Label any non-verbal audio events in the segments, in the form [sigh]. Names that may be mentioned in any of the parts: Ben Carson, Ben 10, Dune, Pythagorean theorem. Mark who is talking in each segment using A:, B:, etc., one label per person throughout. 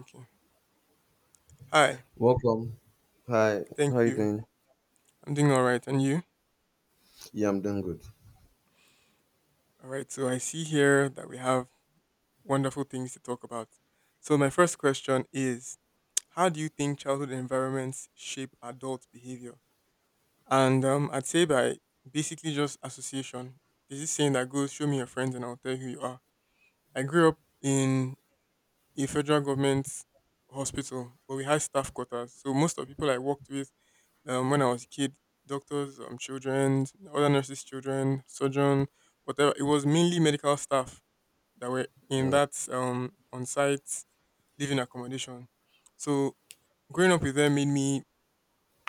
A: Okay. Hi.
B: Welcome. Hi.
A: Thank
B: How you
A: you.
B: doing?
A: I'm doing all right. And you?
B: Yeah, I'm doing good.
A: All right. So I see here that we have wonderful things to talk about. So my first question is how do you think childhood environments shape adult behavior? And I'd say by basically just association. There's this saying that goes, show me your friends and I'll tell you who you are. I grew up in a federal government hospital, but we had staff quarters. So most of the people I worked with, when I was a kid, doctors, children, other nurses' children, surgeon, whatever. It was mainly medical staff that were in
B: Uh,
A: that on-site living accommodation. So growing up with them made me,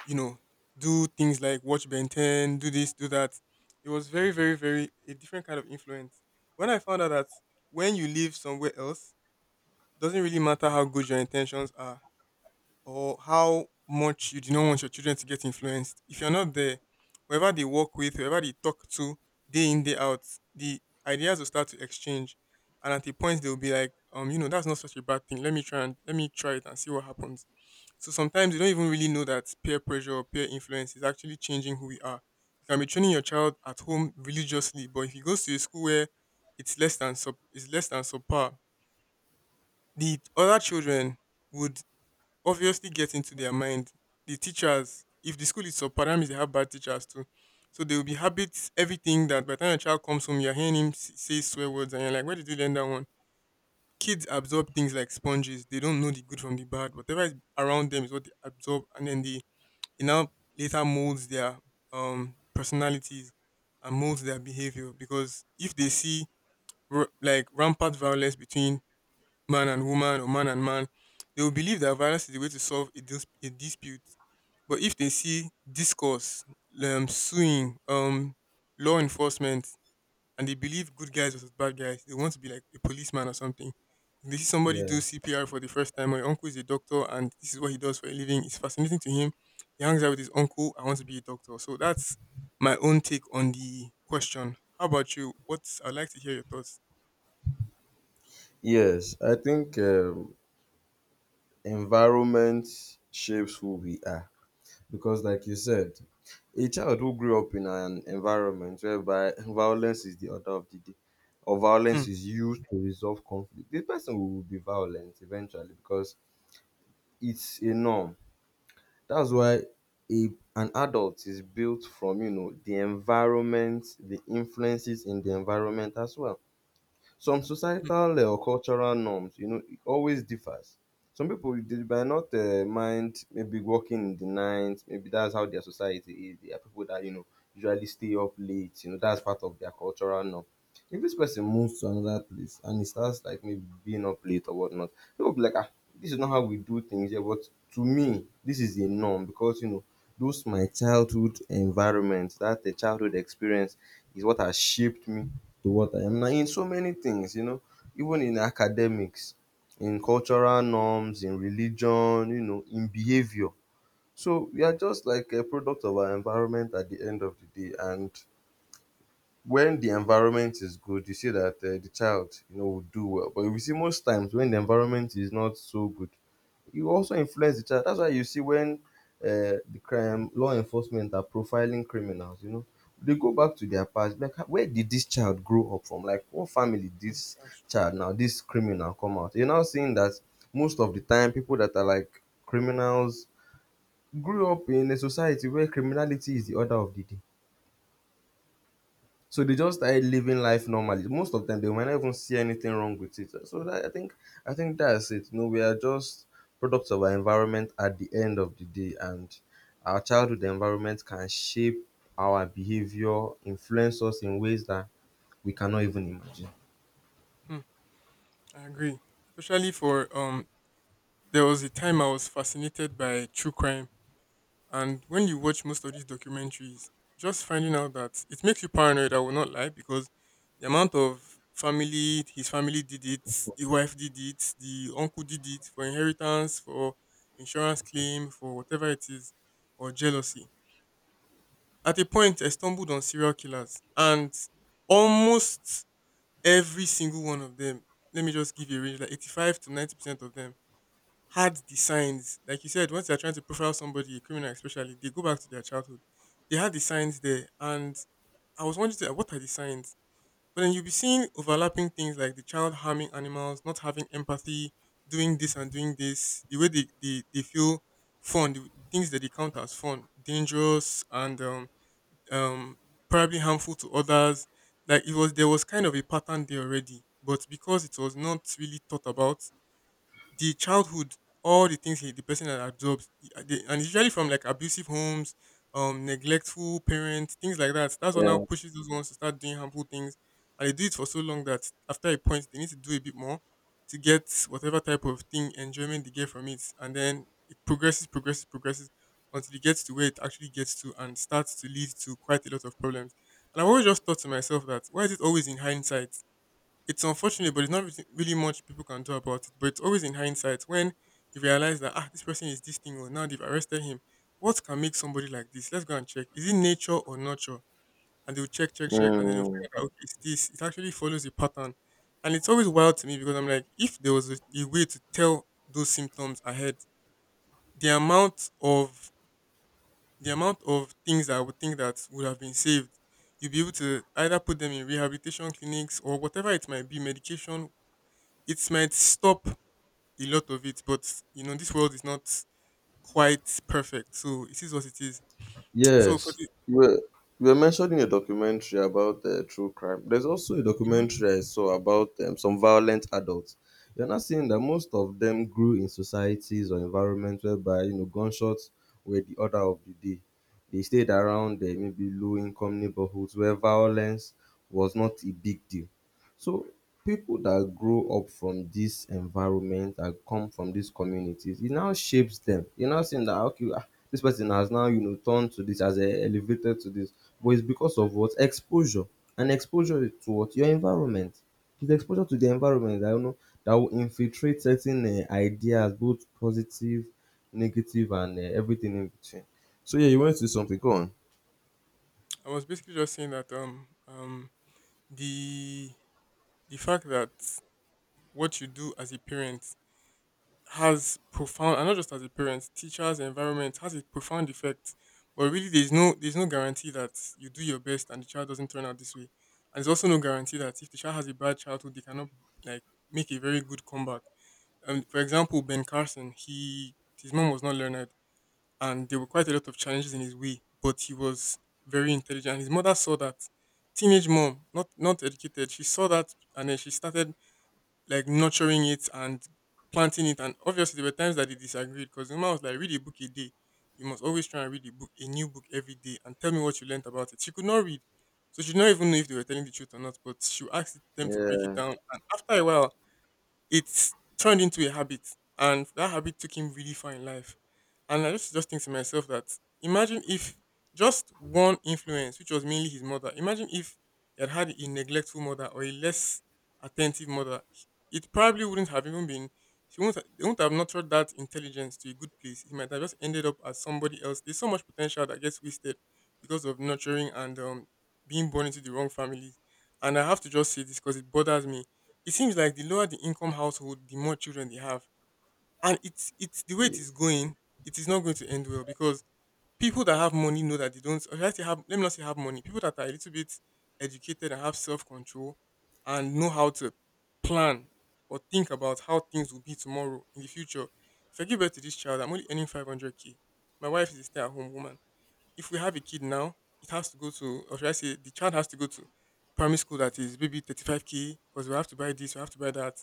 A: you know, do things like watch Ben 10, do this, do that. It was very, very, very a different kind of influence. When I found out that when you live somewhere else, doesn't really matter how good your intentions are or how much you do not want your children to get influenced. If you're not there, whoever they work with, whoever they talk to, day in, day out, the ideas will start to exchange. And at a point they'll be like, that's not such a bad thing. Let me try it and see what happens. So sometimes you don't even really know that peer pressure or peer influence is actually changing who we are. You can be training your child at home religiously, but if he goes to a school where it's less than subpar, the other children would obviously get into their mind. The teachers, if the school is subpar, means they have bad teachers too. So there will be habits, everything that by the time a child comes home, you're hearing him say swear words and you're like, where did you learn that one? Kids absorb things like sponges. They don't know the good from the bad. Whatever is around them is what they absorb, and then it now later molds their personalities and molds their behavior, because if they see like rampant violence between man and woman or man and man, they will believe that violence is the way to solve a dispute. But if they see discourse, suing, law enforcement, and they believe good guys versus bad guys, they want to be like a policeman or something. If they see somebody
B: yeah.
A: do CPR for the first time, my uncle is a doctor and this is what he does for a living, it's fascinating to him. He hangs out with his uncle, I want to be a doctor. So that's my own take on the question. How about you? What's I'd like to hear your thoughts.
B: Yes, I think environment shapes who we are because, like you said, a child who grew up in an environment whereby violence is the order of the day, or
A: Hmm.
B: violence is used to resolve conflict, this person will be violent eventually because it's a norm. That's why a an adult is built from, you know, the environment, the influences in the environment as well. Some
A: Hmm,
B: societal or cultural norms, you know, it always differs. Some people they might not mind maybe working in the night. Maybe that's how their society is. There are people that, you know, usually stay up late. You know, that's part of their cultural norm. If this person moves to another place and he starts like maybe being up late or whatnot, people be like, ah, this is not how we do things here. But to me, this is a norm because, you know, those my childhood environment, that the childhood experience is what has shaped me to what I am now in so many things, you know, even in academics, in cultural norms, in religion, you know, in behavior. So we are just like a product of our environment at the end of the day. And when the environment is good, you see that the child, you know, will do well. But we see most times when the environment is not so good, you also influence the child. That's why you see when the crime law enforcement are profiling criminals, you know, they go back to their past. Like, where did this child grow up from? Like, what family did
A: hmm,
B: this
A: that's true.
B: child now, this criminal come out? You're now seeing that most of the time, people that are like criminals grew up in a society where criminality is the order of the day. So they just started living life normally. Most of them, they might not even see anything wrong with it. So that, I think that's it. You know, we are just products of our environment at the end of the day, and our childhood environment can shape our behavior, influence us in ways that we cannot even imagine.
A: Hmm. I agree. Especially for There was a time I was fascinated by true crime, and when you watch most of these documentaries, just finding out that it makes you paranoid, I will not lie, because the amount of family his family did it, the wife did it, the uncle did it, for inheritance, for insurance claim, for whatever it is, or jealousy. At a point I stumbled on serial killers, and almost every single one of them, let me just give you a range, like 85 to 90% of them had the signs. Like you said, once they're trying to profile somebody, a criminal especially, they go back to their childhood. They had the signs there. And I was wondering, like, what are the signs? But then you'll be seeing overlapping things like the child harming animals, not having empathy, doing this and doing this, the way they feel fun, the things that they count as fun, dangerous and um, probably harmful to others. Like there was kind of a pattern there already, but because it was not really thought about, the childhood, all the things the person had absorbed, and it's usually from like abusive homes, neglectful parents, things like that. That's what now
B: Yeah.
A: pushes those ones to start doing harmful things, and they do it for so long that after a point, they need to do a bit more to get whatever type of thing enjoyment they get from it, and then it progresses, progresses, progresses until it gets to where it actually gets to and starts to lead to quite a lot of problems. And I've always just thought to myself, that why is it always in hindsight? It's unfortunate, but there's not really much people can do about it. But it's always in hindsight when you realize that ah, this person is this thing, or now they've arrested him. What can make somebody like this? Let's go and check. Is it nature or nurture? And they'll check, check, check, and then they'll find out okay, it's this. It actually follows a pattern, and it's always wild to me because I'm like, if there was a way to tell those symptoms ahead, the amount of the amount of things that I would think that would have been saved. You'll be able to either put them in rehabilitation clinics or whatever it might be, medication, it might stop a lot of it, but this world is not quite perfect. So it is what it is. So for
B: Yes,
A: the,
B: you were, you were mentioning a documentary about true crime. There's also a
A: Mhm.
B: documentary I saw about some violent adults. You're not seeing that most of them grew in societies or environments whereby, you know, gunshots were the order of the day. They stayed around maybe low-income neighborhoods where violence was not a big deal. So people that grow up from this environment that come from these communities, it now shapes them. You're not saying that, okay, ah, this person has now, you know, turned to this, has elevated to this, but it's because of what exposure, and exposure is to what your environment, it's exposure to the environment that, you know, that will infiltrate certain ideas, both positive, negative, and everything in between. So yeah, you went to something, go
A: I was basically just saying that the the fact that what you do as a parent has profound, and not just as a parent, teachers, environment has a profound effect. But really, there's no guarantee that you do your best and the child doesn't turn out this way. And there's also no guarantee that if the child has a bad childhood, they cannot, like, make a very good comeback. For example, Ben Carson, he his mom was not learned, and there were quite a lot of challenges in his way, but he was very intelligent. His mother saw that. Teenage mom, not educated, she saw that, and then she started like nurturing it and planting it. And obviously, there were times that they disagreed because the mom was like, "Read a book a day. You must always try and read a book, a new book every day, and tell me what you learnt about it." She could not read, so she did not even know if they were telling the truth or not. But she would ask them to break it
B: on.
A: down, and after a while it's turned into a habit, and that habit took him really far in life. And I just think to myself that, imagine if just one influence, which was mainly his mother, imagine if he had had a neglectful mother or a less attentive mother, it probably wouldn't have even been, she will not they wouldn't have nurtured that intelligence to a good place. He might have just ended up as somebody else. There's so much potential that gets wasted because of nurturing and being born into the wrong family. And I have to just say this because it bothers me, it seems like the lower the income household, the more children they have. And it's the way
B: yeah
A: it is going, it is not going to end well, because people that have money know that they don't, or should I say have, let me not say have money. People that are a little bit educated and have self control and know how to plan or think about how things will be tomorrow in the future. If I give birth to this child, I'm only earning 500K K. My wife is a stay at home woman, if we have a kid now, it has to go to, or should I say, the child has to go to primary school that is maybe 35K because we have to buy this, we have to buy that.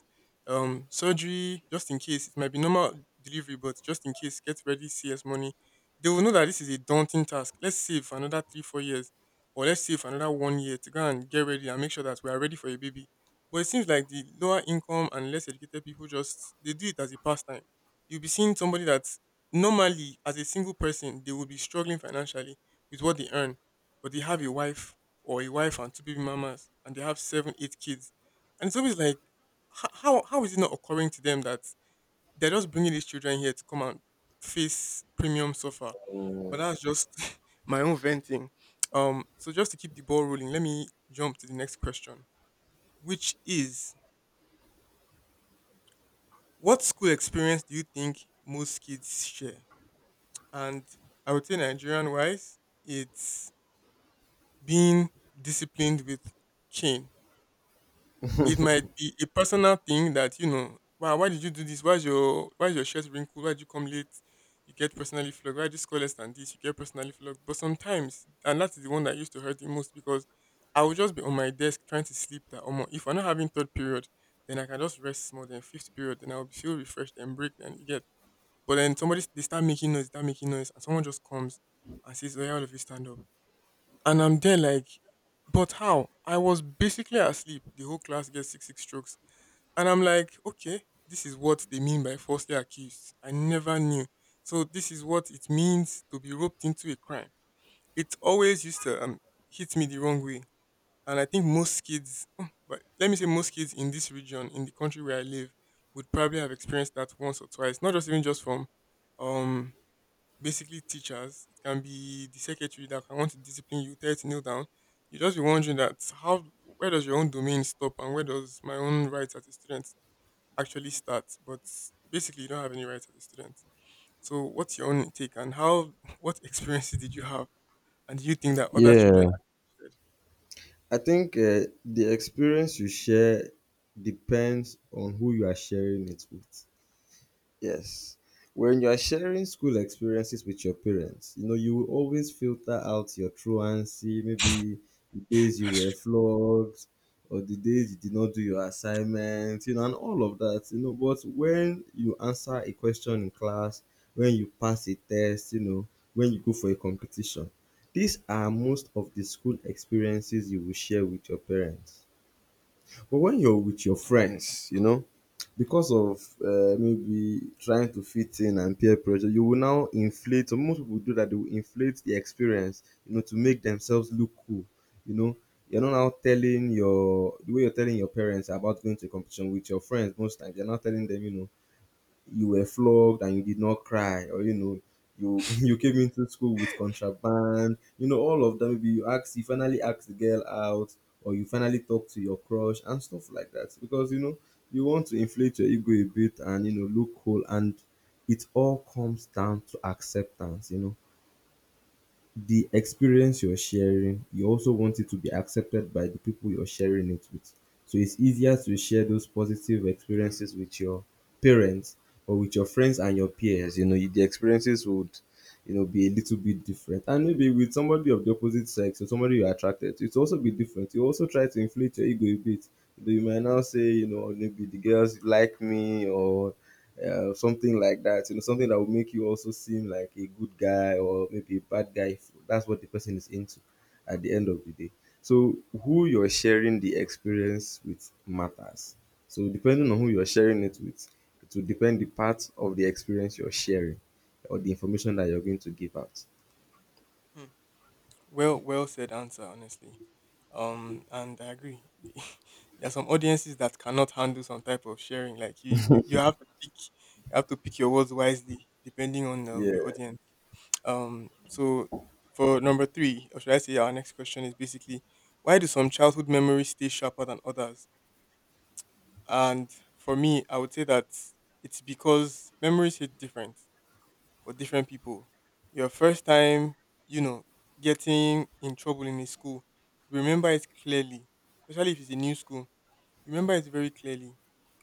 A: Surgery, just in case, it might be normal delivery, but just in case, get ready, CS money. They will know that this is a daunting task. Let's save for another 3, 4 years, or let's save for another one year to go and get ready and make sure that we are ready for a baby. But it seems like the lower income and less educated people just they do it as a pastime. You'll be seeing somebody that normally as a single person they will be struggling financially with what they earn, but they have a wife or a wife and two baby mamas, and they have seven eight kids. And it's always like, how is it not occurring to them that they're just bringing these children here to come and face premium suffer? But that's just [laughs] my own venting. So just to keep the ball rolling, let me jump to the next question, which is, what school experience do you think most kids share? And I would say Nigerian wise, it's being disciplined with cane. It might be a personal thing that, wow, why did you do this? Why's your shirt wrinkled? Why'd you come late? You get personally flogged. Why'd you score less than this? You get personally flogged. But sometimes, and that is the one that used to hurt the most, because I would just be on my desk trying to sleep, that almost, if I'm not having third period, then I can just rest more than fifth period, then I'll feel refreshed and break then you get. But then somebody they start making noise, they start making noise, and someone just comes and says, "Oya, all of you stand up." And I'm there like, but how? I was basically asleep. The whole class gets six strokes, and I'm like, okay, this is what they mean by falsely accused. I never knew. So this is what it means to be roped into a crime. It always used to hit me the wrong way, and I think most kids, oh, but let me say most kids in this region, in the country where I live, would probably have experienced that once or twice. Not just even just from um basically teachers. It can be the secretary that can want to discipline you, tell you to kneel down. You just be wondering that how, where does your own domain stop and where does my own rights as a student actually start? But basically, you don't have any rights as a student. So, what's your own take and how? [laughs] What experiences did you have, and do you think that other
B: yeah
A: children actually shared?
B: I think the experience you share depends on who you are sharing it with. Yes. When you are sharing school experiences with your parents, you know, you will always filter out your truancy, maybe the days you were flogged or the days you did not do your assignments, you know, and all of that, you know. But when you answer a question in class, when you pass a test, you know, when you go for a competition, these are most of the school experiences you will share with your parents. But when you're with your friends, you know, because of, maybe trying to fit in and peer pressure, you will now inflate. Or most people do that; they will inflate the experience, you know, to make themselves look cool. You know, you're not now telling your the way you're telling your parents about going to a competition with your friends. Most times, you're not telling them, you know, you were flogged and you did not cry, or you know, you [laughs] you came into school with contraband, you know, all of that. Maybe you finally ask the girl out, or you finally talk to your crush and stuff like that. Because you know, you want to inflate your ego a bit and, you know, look cool, and it all comes down to acceptance. You know, the experience you're sharing, you also want it to be accepted by the people you're sharing it with. So it's easier to share those positive experiences with your parents or with your friends and your peers. You know, the experiences would, you know, be a little bit different. And maybe with somebody of the opposite sex or somebody you're attracted to, it also be different. You also try to inflate your ego a bit. You know, you might now say, you know, maybe the girls like me or something like that. You know, something that will make you also seem like a good guy or maybe a bad guy. If that's what the person is into at the end of the day. So who you're sharing the experience with matters. So depending on who you're sharing it with, it will depend the part of the experience you're sharing or the information that you're going to give out.
A: Hmm. Well, well said answer, honestly. And I agree. [laughs] There are some audiences that cannot handle some type of sharing. Like you you have to pick your words wisely depending on your
B: Yeah.
A: audience. So for number three, or should I say, our next question is basically, why do some childhood memories stay sharper than others? And for me, I would say that it's because memories hit different for different people. Your first time, you know, getting in trouble in a school, remember it clearly, especially if it's a new school. Remember it very clearly.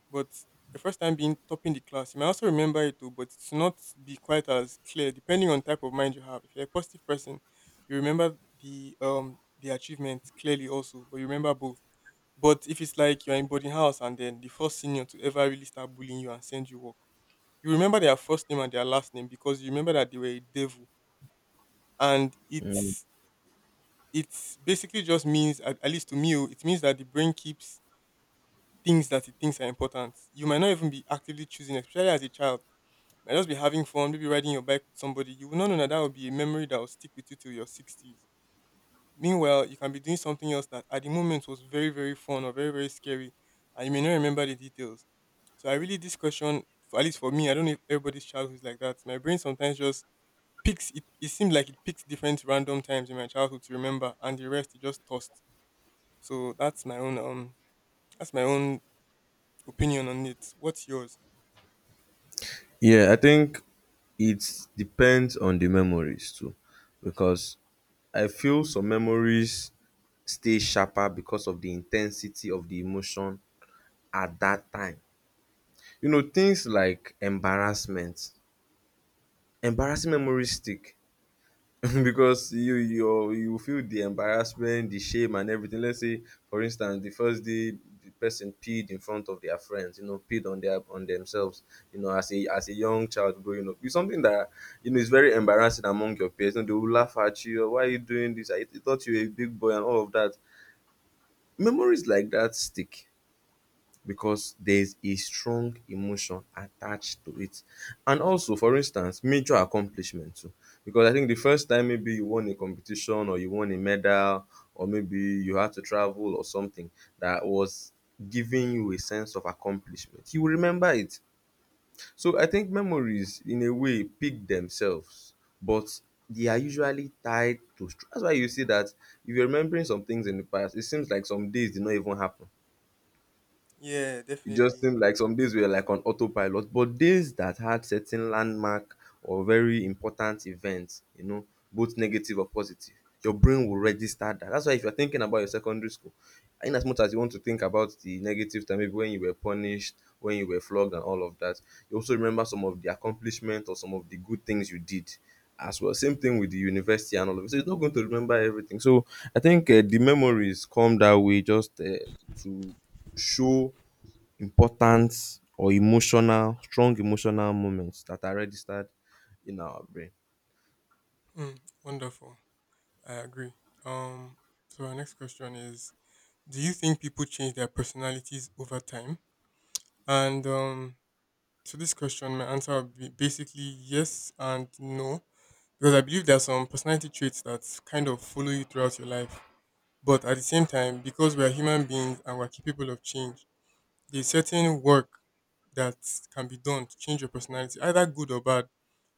A: But your first time being topping the class, you may also remember it too, but it's not be quite as clear depending on type of mind you have. If you're a positive person, you remember the achievement clearly also, but you remember both. But if it's like you're in boarding house and then the first senior to ever really start bullying you and send you work, you remember their first name and their last name because you remember that they were a devil. And
B: Mm.
A: it's basically just means at least to me, oh, it means that the brain keeps things that it thinks are important. You might not even be actively choosing, especially as a child. You might just be having fun, maybe riding your bike with somebody. You will not know that that will be a memory that will stick with you till your sixties. Meanwhile, you can be doing something else that at the moment was very, very fun or very, very scary, and you may not remember the details. So I really this question, for, at least for me, I don't know if everybody's childhood is like that. My brain sometimes just picks it, it seemed like it picks different random times in my childhood to remember and the rest it just tossed. So that's my own opinion on it. What's yours?
B: Yeah, I think it depends on the memories too. Because I feel some memories stay sharper because of the intensity of the emotion at that time. You know, things like embarrassment, embarrassing memories stick [laughs] because you feel the embarrassment, the shame and everything. Let's say, for instance, the first day the person peed in front of their friends, you know, peed on their on themselves, you know, as a young child growing up. It's something that, you know, is very embarrassing among your peers. You know, they will laugh at you, why are you doing this? I thought you were a big boy and all of that. Memories like that stick because there's a strong emotion attached to it. And also, for instance, major accomplishment too. Because I think the first time maybe you won a competition or you won a medal or maybe you had to travel or something that was giving you a sense of accomplishment, you will remember it. So I think memories, in a way, pick themselves, but they are usually tied to. That's why you see that if you're remembering some things in the past, it seems like some days did not even happen,
A: Yeah,
B: it just
A: definitely.
B: seemed like some days we were like on autopilot, but days that had certain landmark or very important events, you know, both negative or positive, your brain will register that. That's why if you're thinking about your secondary school, in as much as you want to think about the negative time, maybe when you were punished, when you were flogged, and all of that, you also remember some of the accomplishment or some of the good things you did as well. Same thing with the university and all of it. So it's not going to remember everything. So I think the memories come that way just to show important or emotional, strong emotional moments that are registered in our brain.
A: Mm, wonderful. I agree. Um so our next question is, do you think people change their personalities over time? And to this question my answer would be basically yes and no. Because I believe there are some personality traits that kind of follow you throughout your life. But at the same time, because we are human beings and we're capable of change, there's certain work that can be done to change your personality, either good or bad.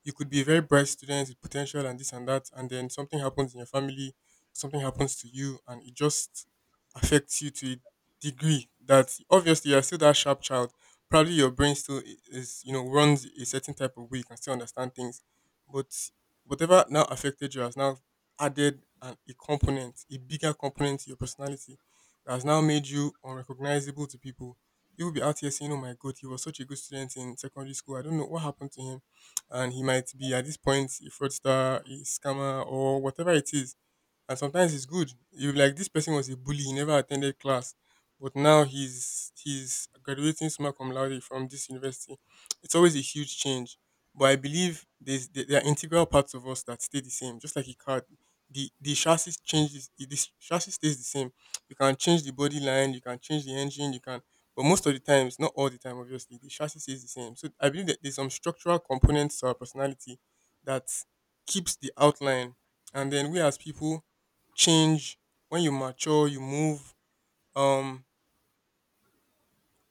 A: You could be a very bright student with potential and this and that, and then something happens in your family, something happens to you, and it just affects you to a degree that obviously you're still that sharp child. Probably your brain still is, runs a certain type of way, you can still understand things. But whatever now affected you has now added a component, a bigger component to your personality that has now made you unrecognizable to people. People be out here saying, "Oh my God, he was such a good student in secondary school. I don't know what happened to him." And he might be at this point a fraudster, a scammer, or whatever it is. And sometimes it's good. You be like this person was a bully, he never attended class, but now he's graduating summa cum laude from this university. It's always a huge change. But I believe there's, there are integral parts of us that stay the same, just like a car. The chassis changes. The chassis stays the same. You can change the body line, you can change the engine, you can. But most of the times, not all the time, obviously, the chassis stays the same. So I believe that there's some structural components to our personality that keeps the outline, and then we as people change. when you mature you move um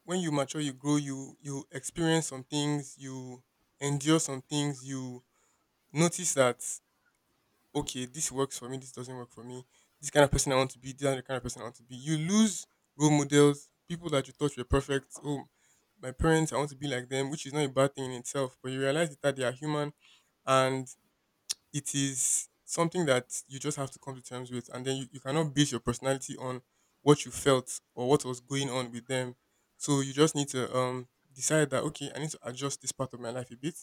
A: when you mature, you grow, you experience some things, you endure some things, you notice that, okay, this works for me, this doesn't work for me, this kind of person I want to be, this other kind of person I want to be. You lose role models, people that you thought were perfect. Oh, my parents, I want to be like them, which is not a bad thing in itself, but you realize that they are human, and it is something that you just have to come to terms with. And then you cannot base your personality on what you felt or what was going on with them. So you just need to decide that, okay, I need to adjust this part of my life a bit,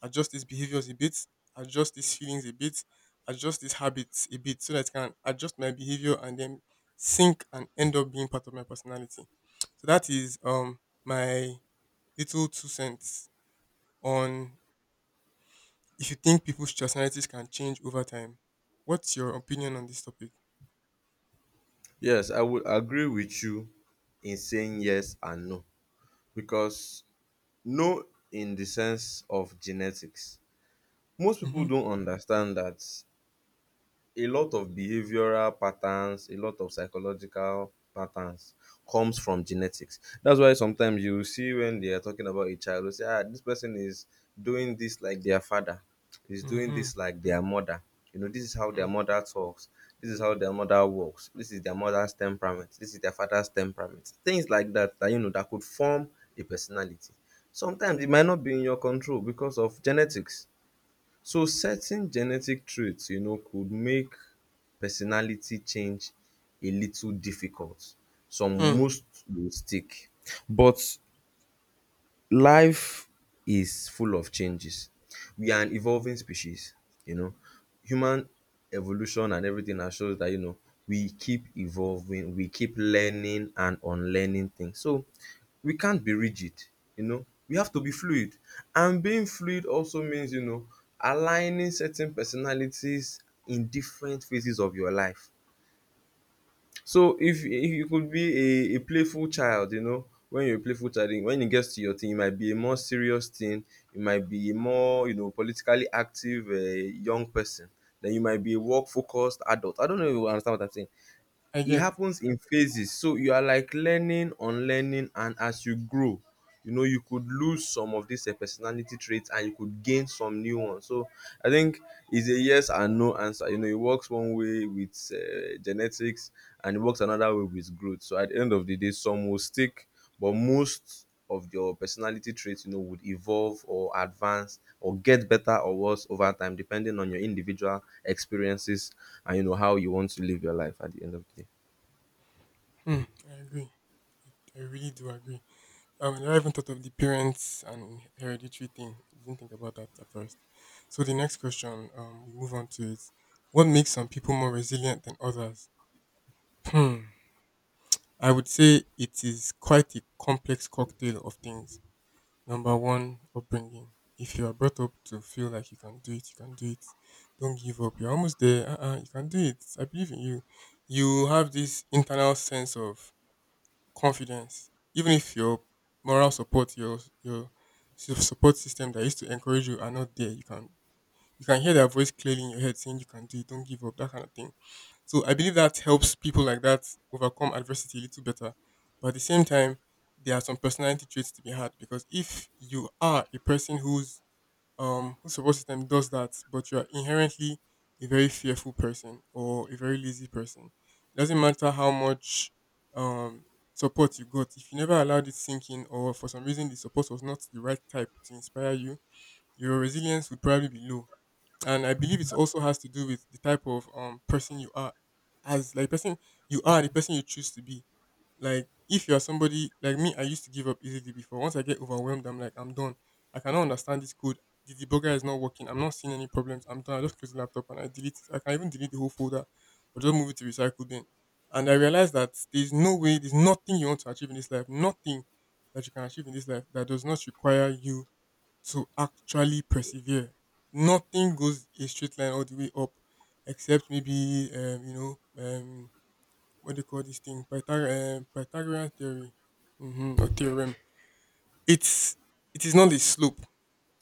A: adjust these behaviors a bit, adjust these feelings a bit, adjust these habits a bit so that I can adjust my behavior and then sync and end up being part of my personality. So that is my little two cents on if you think people's personalities can change over time. What's your opinion on this topic?
B: Yes, I would agree with you in saying yes and no because no in the sense of genetics. Most people
A: Mm-hmm.
B: don't understand that a lot of behavioral patterns, a lot of psychological patterns comes from genetics. That's why sometimes you see when they are talking about a child, you say, ah, this person is doing this like their father, is doing
A: Mm-hmm.
B: this like their mother. You know, this is how their mother talks. This is how their mother works. This is their mother's temperament. This is their father's temperament. Things like that, that you know, that could form a personality. Sometimes it might not be in your control because of genetics. So certain genetic trait, you know, could make personality change a little difficult. Some
A: Hmm.
B: most will stick, but life is full of changes. We are an evolving species, you know. Human evolution and everything has shown that, you know, we keep evolving, we keep learning and unlearning things. So we can't be rigid, you know. We have to be fluid. And being fluid also means, you know, aligning certain personalities in different phases of your life. So if you could be a playful child, you know, when you're a playful child, when it gets to your thing, you might be a more serious thing, you might be a more, you know, politically active young person. Then you might be a work focused adult. I don't know if you understand what I'm saying.
A: I
B: It
A: get.
B: happens in phases, so you are like learning unlearning, and as you grow, you know, you could lose some of these personality traits, and you could gain some new ones. So I think it's a yes and no answer. You know, it works one way with genetics, and it works another way with growth. So at the end of the day, some will stick, but most of your personality traits, you know, would evolve or advance or get better or worse over time, depending on your individual experiences. And you know how you want to live your life at the end of the day.
A: Hmm. I agree. I really do agree. I never even thought of the parents and hereditary thing. I didn't think about that at first. So the next question, we move on to is, what makes some people more resilient than others? Hmm. I would say it is quite a complex cocktail of things. Number one, upbringing. If you are brought up to feel like you can do it, you can do it. Don't give up. You're almost there. Uh-uh, you can do it. I believe in you. You have this internal sense of confidence, even if your moral support, your support system that used to encourage you are not there. You can hear that voice clearly in your head saying you can do it. Don't give up. That kind of thing. So I believe that helps people like that overcome adversity a little better. But at the same time, there are some personality traits to be had because if you are a person whose whose support system does that, but you are inherently a very fearful person or a very lazy person, it doesn't matter how much um support you got. If you never allowed it sink in, or for some reason the support was not the right type to inspire you, your resilience would probably be low, and I believe it also has to do with the type of person you are, as like person you are, the person you choose to be. Like if you are somebody like me, I used to give up easily before. Once I get overwhelmed, I'm like, I'm done. I cannot understand this code. The debugger is not working. I'm not seeing any problems. I'm done. I just close the laptop and I delete it. I can even delete the whole folder or just move it to recycle bin. And I realized that there's no way, there's nothing you want to achieve in this life, nothing that you can achieve in this life that does not require you to actually persevere. Nothing goes a straight line all the way up, except maybe what they call this thing Pythagorean theory, mm-hmm, or theorem. It's it is not a slope.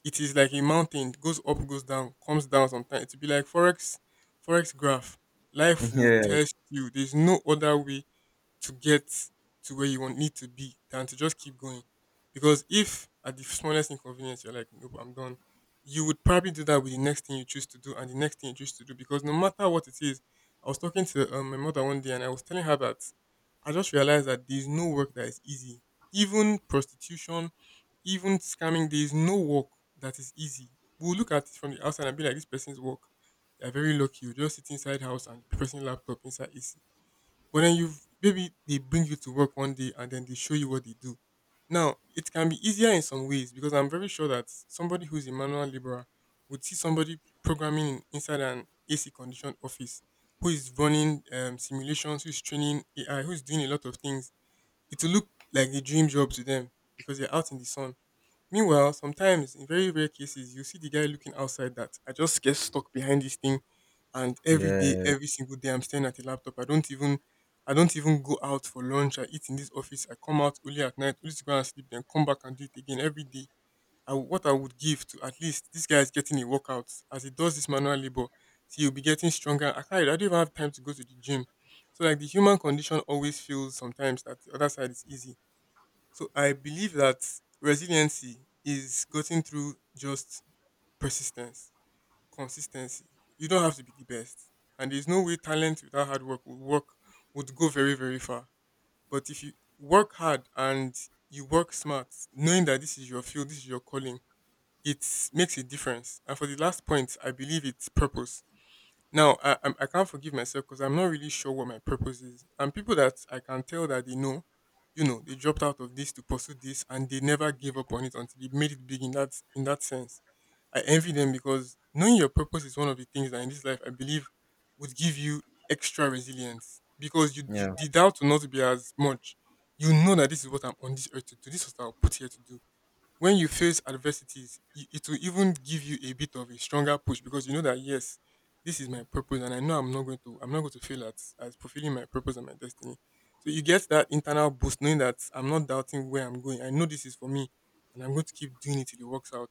A: It is like a mountain. It goes up, goes down, comes down. Sometimes it will be like forex graph. Life will
B: Yeah,
A: test you. There's no other way to get to where you want need to be than to just keep going. Because if at the smallest inconvenience you're like, nope, I'm done, you would probably do that with the next thing you choose to do and the next thing you choose to do. Because no matter what it is, I was talking to my mother one day and I was telling her that I just realized that there's no work that is easy. Even prostitution, even scamming, there's no work that is easy. We'll look at it from the outside and be like, this person's work. They're very lucky. You just sit inside house and the person laptop inside AC. But then you Maybe they bring you to work one day and then they show you what they do. Now, it can be easier in some ways because I'm very sure that somebody who's a manual laborer would see somebody programming inside an AC conditioned office who is running simulations, who's training AI, who's doing a lot of things. It will look like a dream job to them because they're out in the sun. Meanwhile, sometimes in very rare cases, you see the guy looking outside that I just get stuck behind this thing, and
B: [laughs]
A: every day,
B: yeah,
A: every single day, I'm staying at the laptop. I don't even go out for lunch. I eat in this office. I come out only at night, only to go and sleep, then come back and do it again every day. What I would give to at least this guy is getting a workout as he does this manual labor. See, you'll be getting stronger. I can't. I don't even have time to go to the gym. So like the human condition always feels sometimes that the other side is easy, so I believe that resiliency is getting through just persistence, consistency. You don't have to be the best. And there's no way talent without hard work would go very, very far. But if you work hard and you work smart, knowing that this is your field, this is your calling, it makes a difference. And for the last point, I believe it's purpose. Now, I can't forgive myself because I'm not really sure what my purpose is. And people that I can tell that they know, you know, they dropped out of this to pursue this, and they never gave up on it until they made it big. In that sense, I envy them because knowing your purpose is one of the things that in this life I believe would give you extra resilience because you
B: yeah,
A: the doubt will not be as much. You know that this is what I'm on this earth to do. This is what I was put here to do when you face adversities, it will even give you a bit of a stronger push because you know that yes, this is my purpose, and I know I'm not going to fail at fulfilling my purpose and my destiny. So you get that internal boost knowing that I'm not doubting where I'm going. I know this is for me, and I'm going to keep doing it till it works out.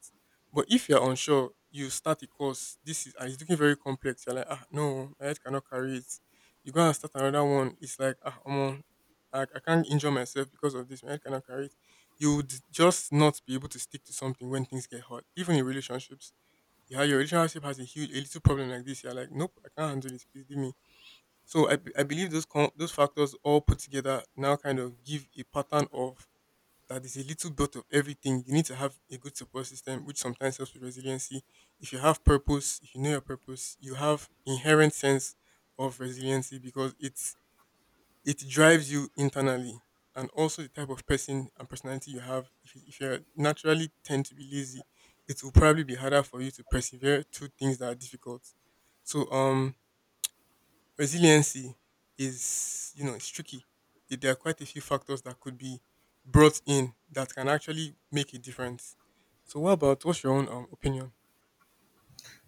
A: But if you're unsure, you start a course. This is and it's looking very complex. You're like, ah, no, my head cannot carry it. You go and start another one. It's like, ah, come on, I can't injure myself because of this. My head cannot carry it, you would just not be able to stick to something when things get hard, even in relationships. Yeah, your relationship has a little problem like this. You're like, nope, I can't handle this. Please leave me. So I believe those factors all put together now kind of give a pattern of that is a little bit of everything. You need to have a good support system, which sometimes helps with resiliency. If you have purpose, if you know your purpose, you have inherent sense of resiliency because it drives you internally, and also the type of person and personality you have, if you naturally tend to be lazy, it will probably be harder for you to persevere through things that are difficult, so resiliency is, you know, it's tricky. There are quite a few factors that could be brought in that can actually make a difference. So what about, what's your own opinion?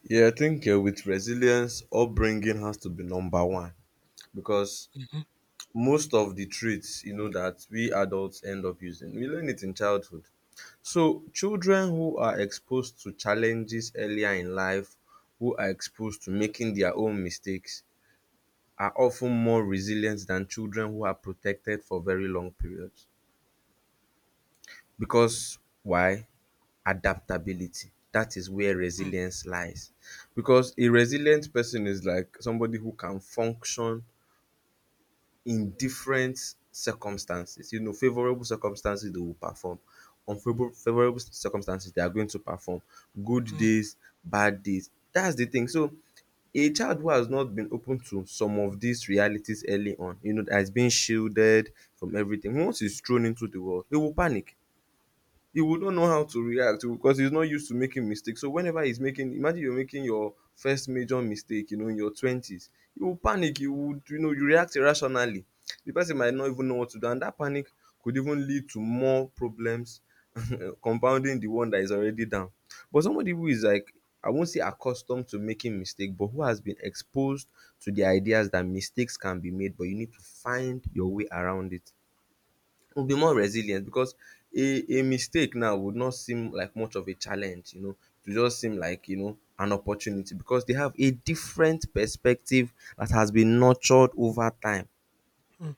B: yeah. I think with resilience, upbringing has to be number one, because
A: Mm-hmm.
B: most of the traits, you know, that we adults end up using, we learn it in childhood. So children who are exposed to challenges earlier in life, who are exposed to making their own mistakes, are often more resilient than children who are protected for very long periods. Because why? Adaptability. That is where
A: Mm.
B: resilience lies. Because a resilient person is like somebody who can function in different circumstances. You know, favorable circumstances they will perform. Unfavorable favorable circumstances they are going to perform. Good
A: Mm,
B: days, bad days. That's the thing. So a child who has not been open to some of these realities early on, you know, that has been shielded from everything, once he's thrown into the world, he will panic. He would not know how to react because he's not used to making mistakes. So whenever he's making, imagine you're making your first major mistake, you know, in your twenties, you will panic. You would, you know, you react irrationally. The person might not even know what to do, and that panic could even lead to more problems, [laughs] compounding the one that is already down. But somebody who is like, I won't say accustomed to making mistakes, but who has been exposed to the ideas that mistakes can be made, but you need to find your way around it. We'll be more resilient, because a mistake now would not seem like much of a challenge, you know. It will just seem like, you know, an opportunity, because they have a different perspective that has been nurtured over time.
A: mm,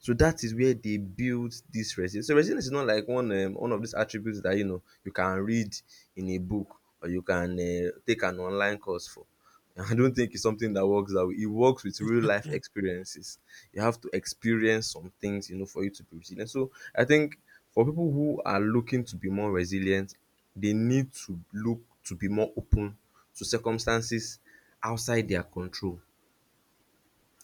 B: So that is where they build this resilience. So resilience is not like one of these attributes that, you know, you can read in a book, or you can take an online course for. [laughs] I don't think it's something that works that way. It works with real life
A: exactly.
B: experiences. You have to experience some things, you know, for you to be resilient. So I think for people who are looking to be more resilient, they need to look to be more open to circumstances outside their control.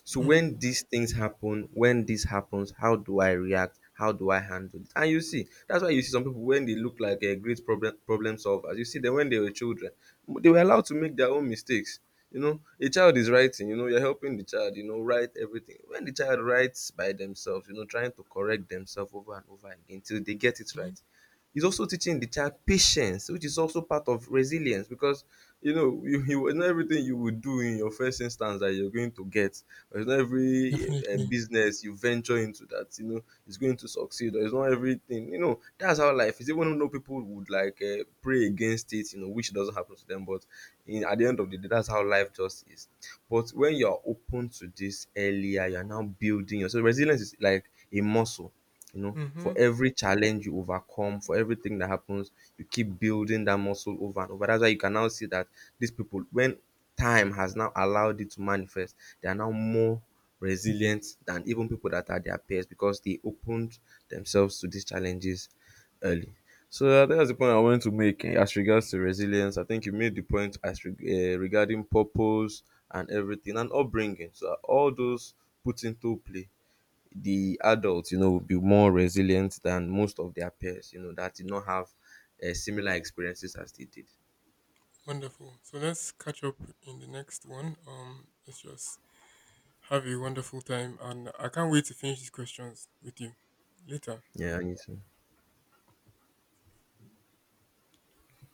B: So when these things happen, when this happens, how do I react? How do I handle it? And you see, that's why you see some people when they look like a great problem solvers. You see them when they were children, they were allowed to make their own mistakes. You know, a child is writing, you know, you're helping the child, you know, write everything. When the child writes by themselves, you know, trying to correct themselves over and over again until they get it
A: Mm-hmm.
B: right. He's also teaching the child patience, which is also part of resilience, because you know, you it's not everything you would do in your first instance that you're going to get, or it's not every
A: Definitely.
B: business you venture into that, you know, is going to succeed, or it's not everything, you know, that's how life is, even though people would like pray against it, you know, which doesn't happen to them, but in at the end of the day, that's how life just is. But when you're open to this earlier, you're now building yourself. Resilience is like a muscle. You know, for
A: Hmm.
B: every challenge you overcome, for everything that happens, you keep building that muscle over and over. That's why you can now see that these people, when time has now allowed it to manifest, they are now more resilient than even people that are their peers, because they opened themselves to these challenges early. So that's the point I wanted to make as regards to resilience. I think you made the point as regarding purpose and everything and upbringing. So all those put into play, the adults, you know, will be more resilient than most of their peers, you know, that did not have similar experiences as they did.
A: Wonderful. So let's catch up in the next one. Let's just have a wonderful time, and I can't wait to finish these questions with you later.
B: Yeah, I need to.